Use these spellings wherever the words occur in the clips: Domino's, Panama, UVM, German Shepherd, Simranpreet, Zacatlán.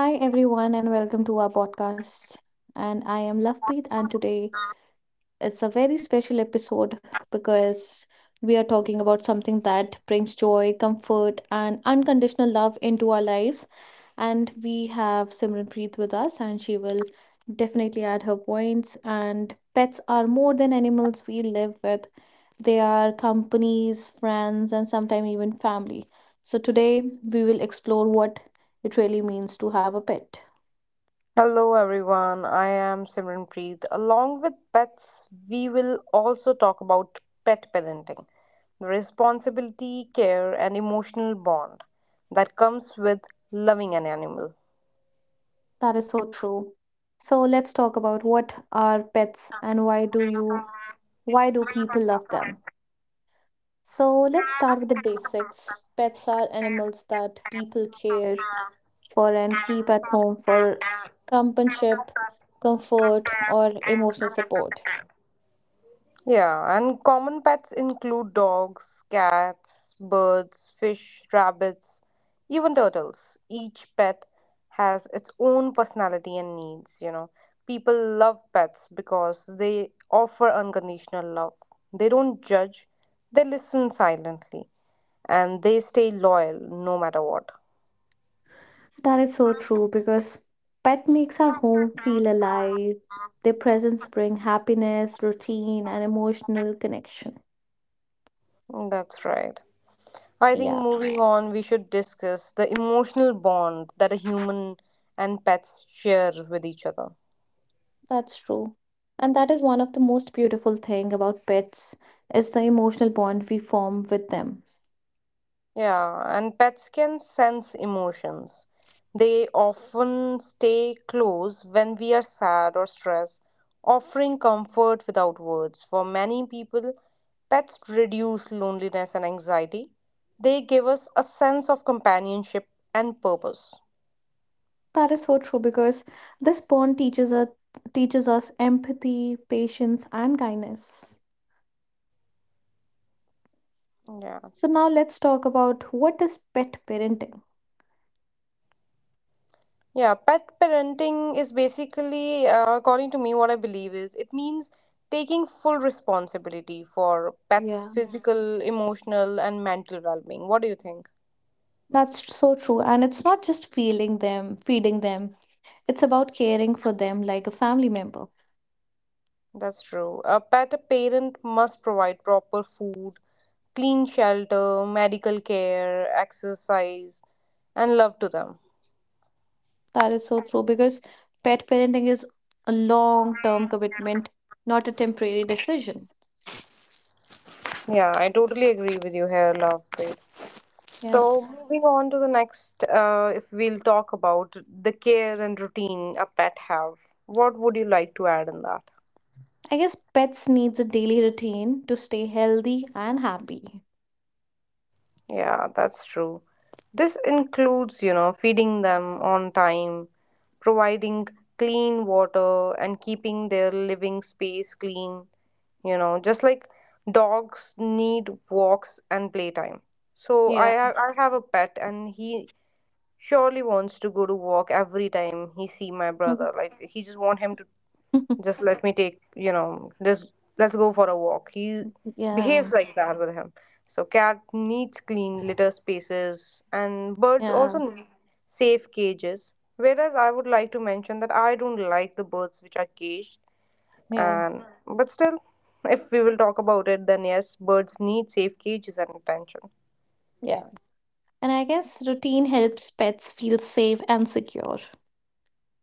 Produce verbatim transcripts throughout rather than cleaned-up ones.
Hi everyone, and welcome to our podcast. And I am Lovepreet, and today it's a very special episode because we are talking about something that brings joy, comfort and unconditional love into our lives. And we have Simranpreet with us, and she will definitely add her points. And pets are more than animals we live with. They are companies, friends and sometimes even family. So today we will explore what it really means to have a pet. Hello everyone, I am Simranpreet. Along with pets, we will also talk about pet parenting, the responsibility, care, and emotional bond that comes with loving an animal. That is so true. So let's talk about what are pets and why do you why do people love them? So let's start with the basics. Pets are animals that people care for and keep at home for companionship, comfort, or emotional support. Yeah, and common pets include dogs, cats, birds, fish, rabbits, even turtles. Each pet has its own personality and needs, you know. People love pets because they offer unconditional love. They don't judge, they listen silently, and they stay loyal no matter what. That is so true because pet makes our home feel alive. Their presence bring happiness, routine, and emotional connection. That's right. I think Yeah. moving Right. on, we should discuss the emotional bond that a human and pets share with each other. That's true. And that is one of the most beautiful thing about pets is the emotional bond we form with them. Yeah, and pets can sense emotions. They often stay close when we are sad or stressed, offering comfort without words. For many people, pets reduce loneliness and anxiety. They give us a sense of companionship and purpose. That is so true because this bond teaches us teaches us empathy, patience and kindness. Yeah. So now let's talk about what is pet parenting. Yeah, pet parenting is basically, uh, according to me, what I believe is it means taking full responsibility for pets' Yeah. physical, emotional, and mental well being. What do you think? That's so true, and it's not just feeling them, feeding them. It's about caring for them like a family member. That's true. A pet parent must provide proper food, clean shelter, medical care, exercise, and love to them. That is so true because pet parenting is a long-term commitment, not a temporary decision. Yeah, I totally agree with you here, love. Yes. So, moving on to the next, uh, if we'll talk about the care and routine a pet have, what would you like to add in that? I guess pets needs a daily routine to stay healthy and happy. Yeah, that's true. This includes, you know, feeding them on time, providing clean water, and keeping their living space clean, you know, just like dogs need walks and playtime. So, I Yeah. have, I have a pet, and he surely wants to go to walk every time he see my brother. Like he just want him to just let me take, you know just let's go for a walk. He Yeah. behaves like that with him. So cat needs clean litter spaces and birds also Yeah. need safe cages, whereas I would like to mention that I don't like the birds which are caged. Yeah. And but still if we will talk about it, then yes, birds need safe cages and attention. Yeah. And I guess routine helps pets feel safe and secure.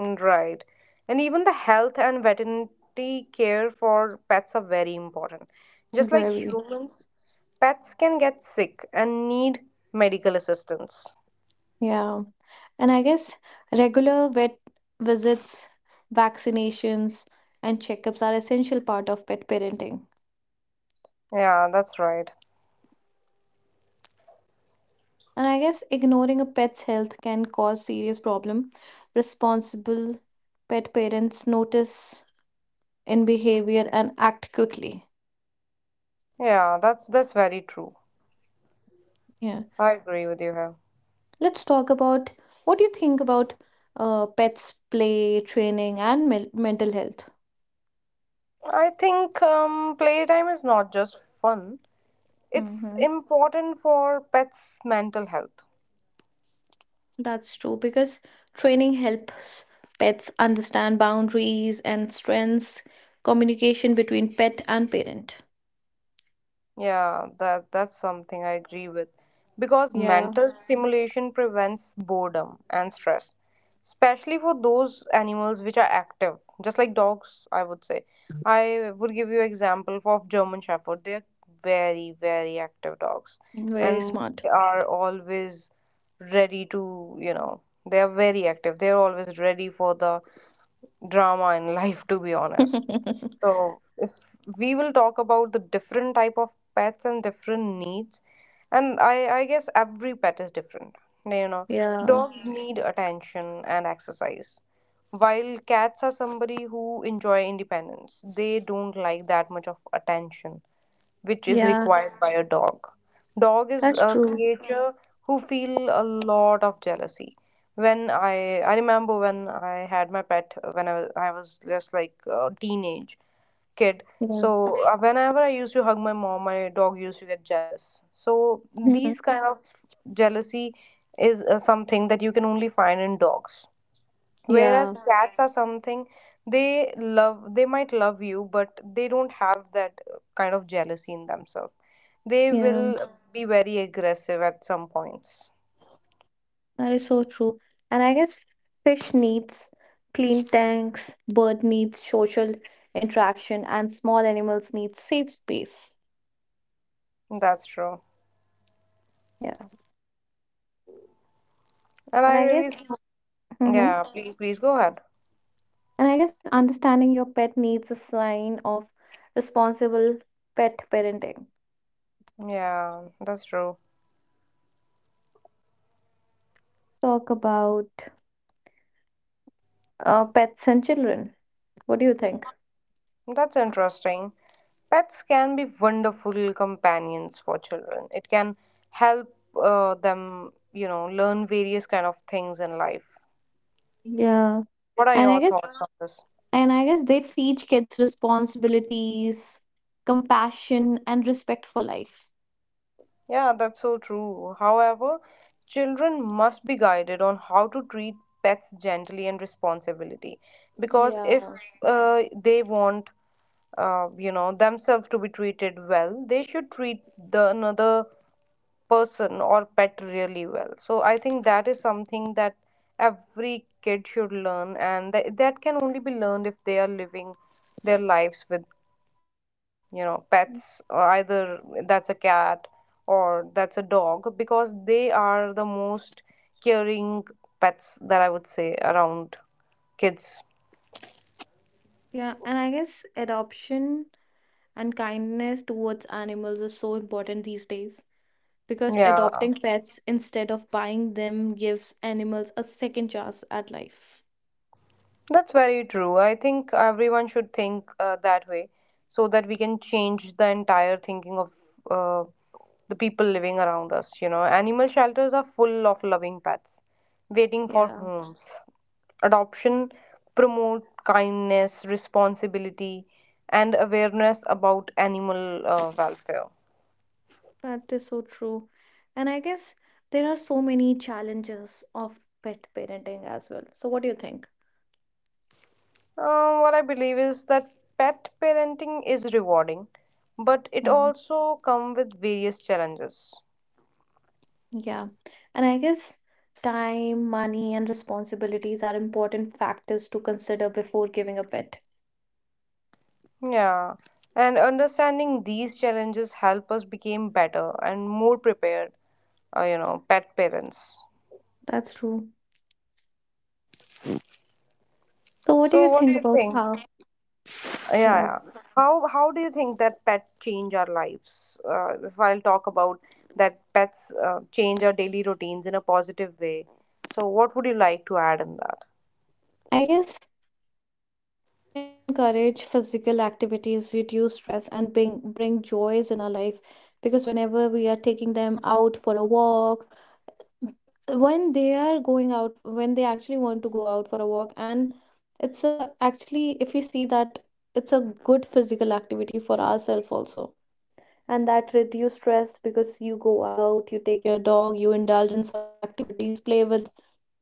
Right. And even the health and veterinary care for pets are very important. Just like Very. humans, pets can get sick and need medical assistance. Yeah. And I guess regular vet visits, vaccinations, and checkups are essential part of pet parenting. Yeah, that's right. And I guess ignoring a pet's health can cause serious problem. Responsible pet parents notice in behavior and act quickly. Yeah, that's that's very true. Yeah. I agree with you here. Let's talk about what do you think about uh, pets' play, training, and mel- mental health. I think um, playtime is not just fun. It's Hmm. important for pets' mental health. That's true because training helps pets understand boundaries and strengths, communication between pet and parent. Yeah, that that's something I agree with because Yeah, mental stimulation prevents boredom and stress, especially for those animals which are active, just like dogs, I would say. I would give you example of German Shepherd. They're very, very active dogs, very and smart. they are always ready to, you know, they are very active. They're always ready for the drama in life, to be honest. So if we will talk about the different type of pets and different needs, and I, I guess every pet is different. You know, Yeah, dogs need attention and exercise. While cats are somebody who enjoy independence, they don't like that much of attention, which is yeah, required by a dog. Dog is that's a true. creature who feel a lot of jealousy. When I I remember when I had my pet uh, when I was, I was just like a teenage kid. Yeah, So uh, whenever I used to hug my mom, my dog used to get jealous. So these kind of jealousy is uh, something that you can only find in dogs. yeah, Whereas cats are something they love, they might love you, but they don't have that uh, kind of jealousy in themselves. They yeah. will be very aggressive at some points. That is so true. And I guess fish needs clean tanks, bird needs social interaction, and small animals need safe space. That's true. Yeah. And And I I guess, really, hmm yeah, please, please go ahead. and I guess understanding your pet needs a sign of responsible pet parenting. Yeah, that's true. Talk about uh, pets and children. What do you think? That's interesting. Pets can be wonderful companions for children. It can help uh, them, you know, learn various kind of things in life. Yeah. What are And I your guess, thoughts on this? and I guess they teach kids responsibilities, compassion, and respect for life. Yeah, that's so true. However, children must be guided on how to treat pets gently and responsibility because if Yeah. uh, they want uh, you know themselves to be treated well, they should treat the another person or pet really well. So I think that is something that every kid should learn, and that that can only be learned if they are living their lives with you know pets, or either that's a cat or that's a dog, because they are the most caring pets that I would say around kids. Yeah, and I guess adoption and kindness towards animals is so important these days, because Yeah. adopting pets instead of buying them gives animals a second chance at life. That's very true. I think everyone should think uh, that way so that we can change the entire thinking of uh, the people living around us. You know, animal shelters are full of loving pets waiting for Yeah, homes. Adoption promote kindness, responsibility, and awareness about animal uh, welfare. that is so true. And I guess there are so many challenges of pet parenting as well. So, what do you think? Uh, what I believe is that pet parenting is rewarding, but it Hmm. also comes with various challenges. Yeah, and I guess time, money, and responsibilities are important factors to consider before giving a pet. Yeah, and understanding these challenges help us become better and more prepared, uh, you know, pet parents. That's true. So, what do you So what do think you about how? think? Uh, Yeah, Yeah, yeah. How how do you think that pet change our lives? Uh, if I'll talk about that pets uh, change our daily routines in a positive way. So what would you like to add in that? I guess they encourage physical activities, reduce stress, and bring bring joys in our life. Because whenever we are taking them out for a walk, when they are going out, when they actually want to go out for a walk, and it's a actually if we see that it's a good physical activity for ourselves also. And that reduce stress because you go out, you take your dog, you indulge in some activities, play with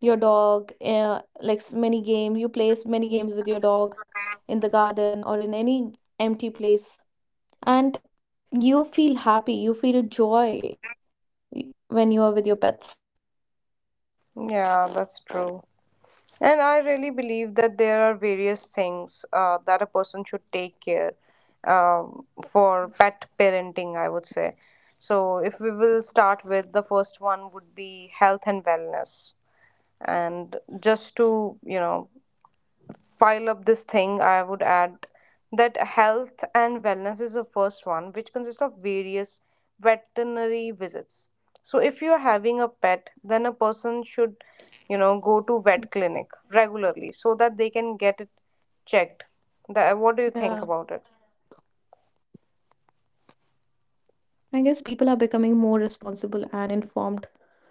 your dog uh, like s- many games. You play s- many games with your dog in the garden or in any empty place, and you feel happy, you feel joy y- when you are with your pets. Yeah, that's true. And I really believe that there are various things uh, that a person should take care um, for pet parenting, I would say. So, if we will start with the first one, would be health and wellness. And just to, you know, pile up this thing, I would add that health and wellness is the first one, which consists of various veterinary visits. So, if you are having a Mm, pet, then a person should, you know, go to vet clinic regularly so that they can yeah, get it checked. That, what do you think about it? I guess people are becoming more responsible and informed pet parenting, because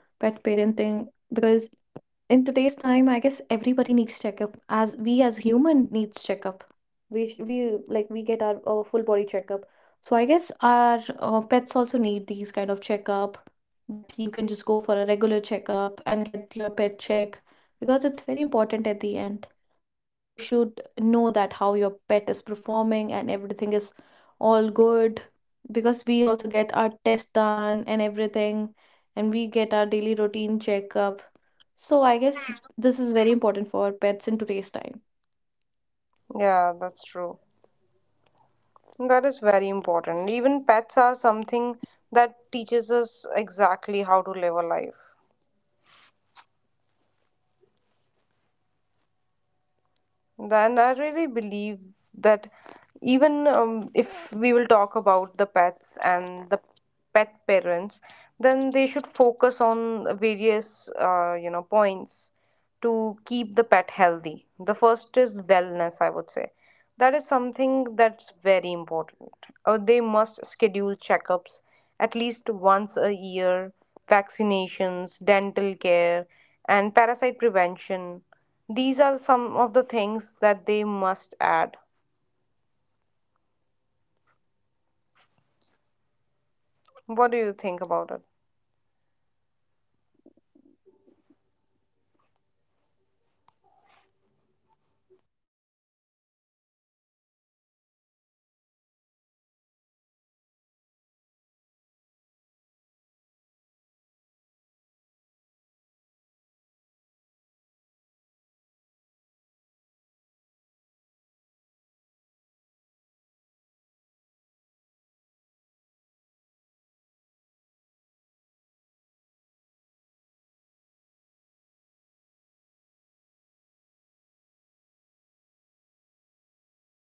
in today's time I guess everybody needs checkup. As we as human needs checkup, we sh- we like we get our, uh full body checkup, so I guess our uh, pets also need these kind of checkup, that you can just go for a regular checkup and get your pet check, because it's very important at the end, and you should know that how your pet is performing and everything is all good, because we also get our test done and everything, and we get our daily routine checkup. So I guess this is very important for pets in today's time. Yeah, that's true. That is very important. Even pets are something that teaches us exactly how to live a life. Yeah. Then I really believe that even um, if we will talk about the pets and the pet parents, then they should focus on various uh, you know points to keep the pet What do you think healthy. about The health and first is wellness wellness, I would wellness say. That is something that's very important. Uh, they must schedule Simran, are checkups you there? at least once a year, vaccinations, dental care, and parasite prevention. These are some of the things that they must add. What do you think about it? I guess there's some issue.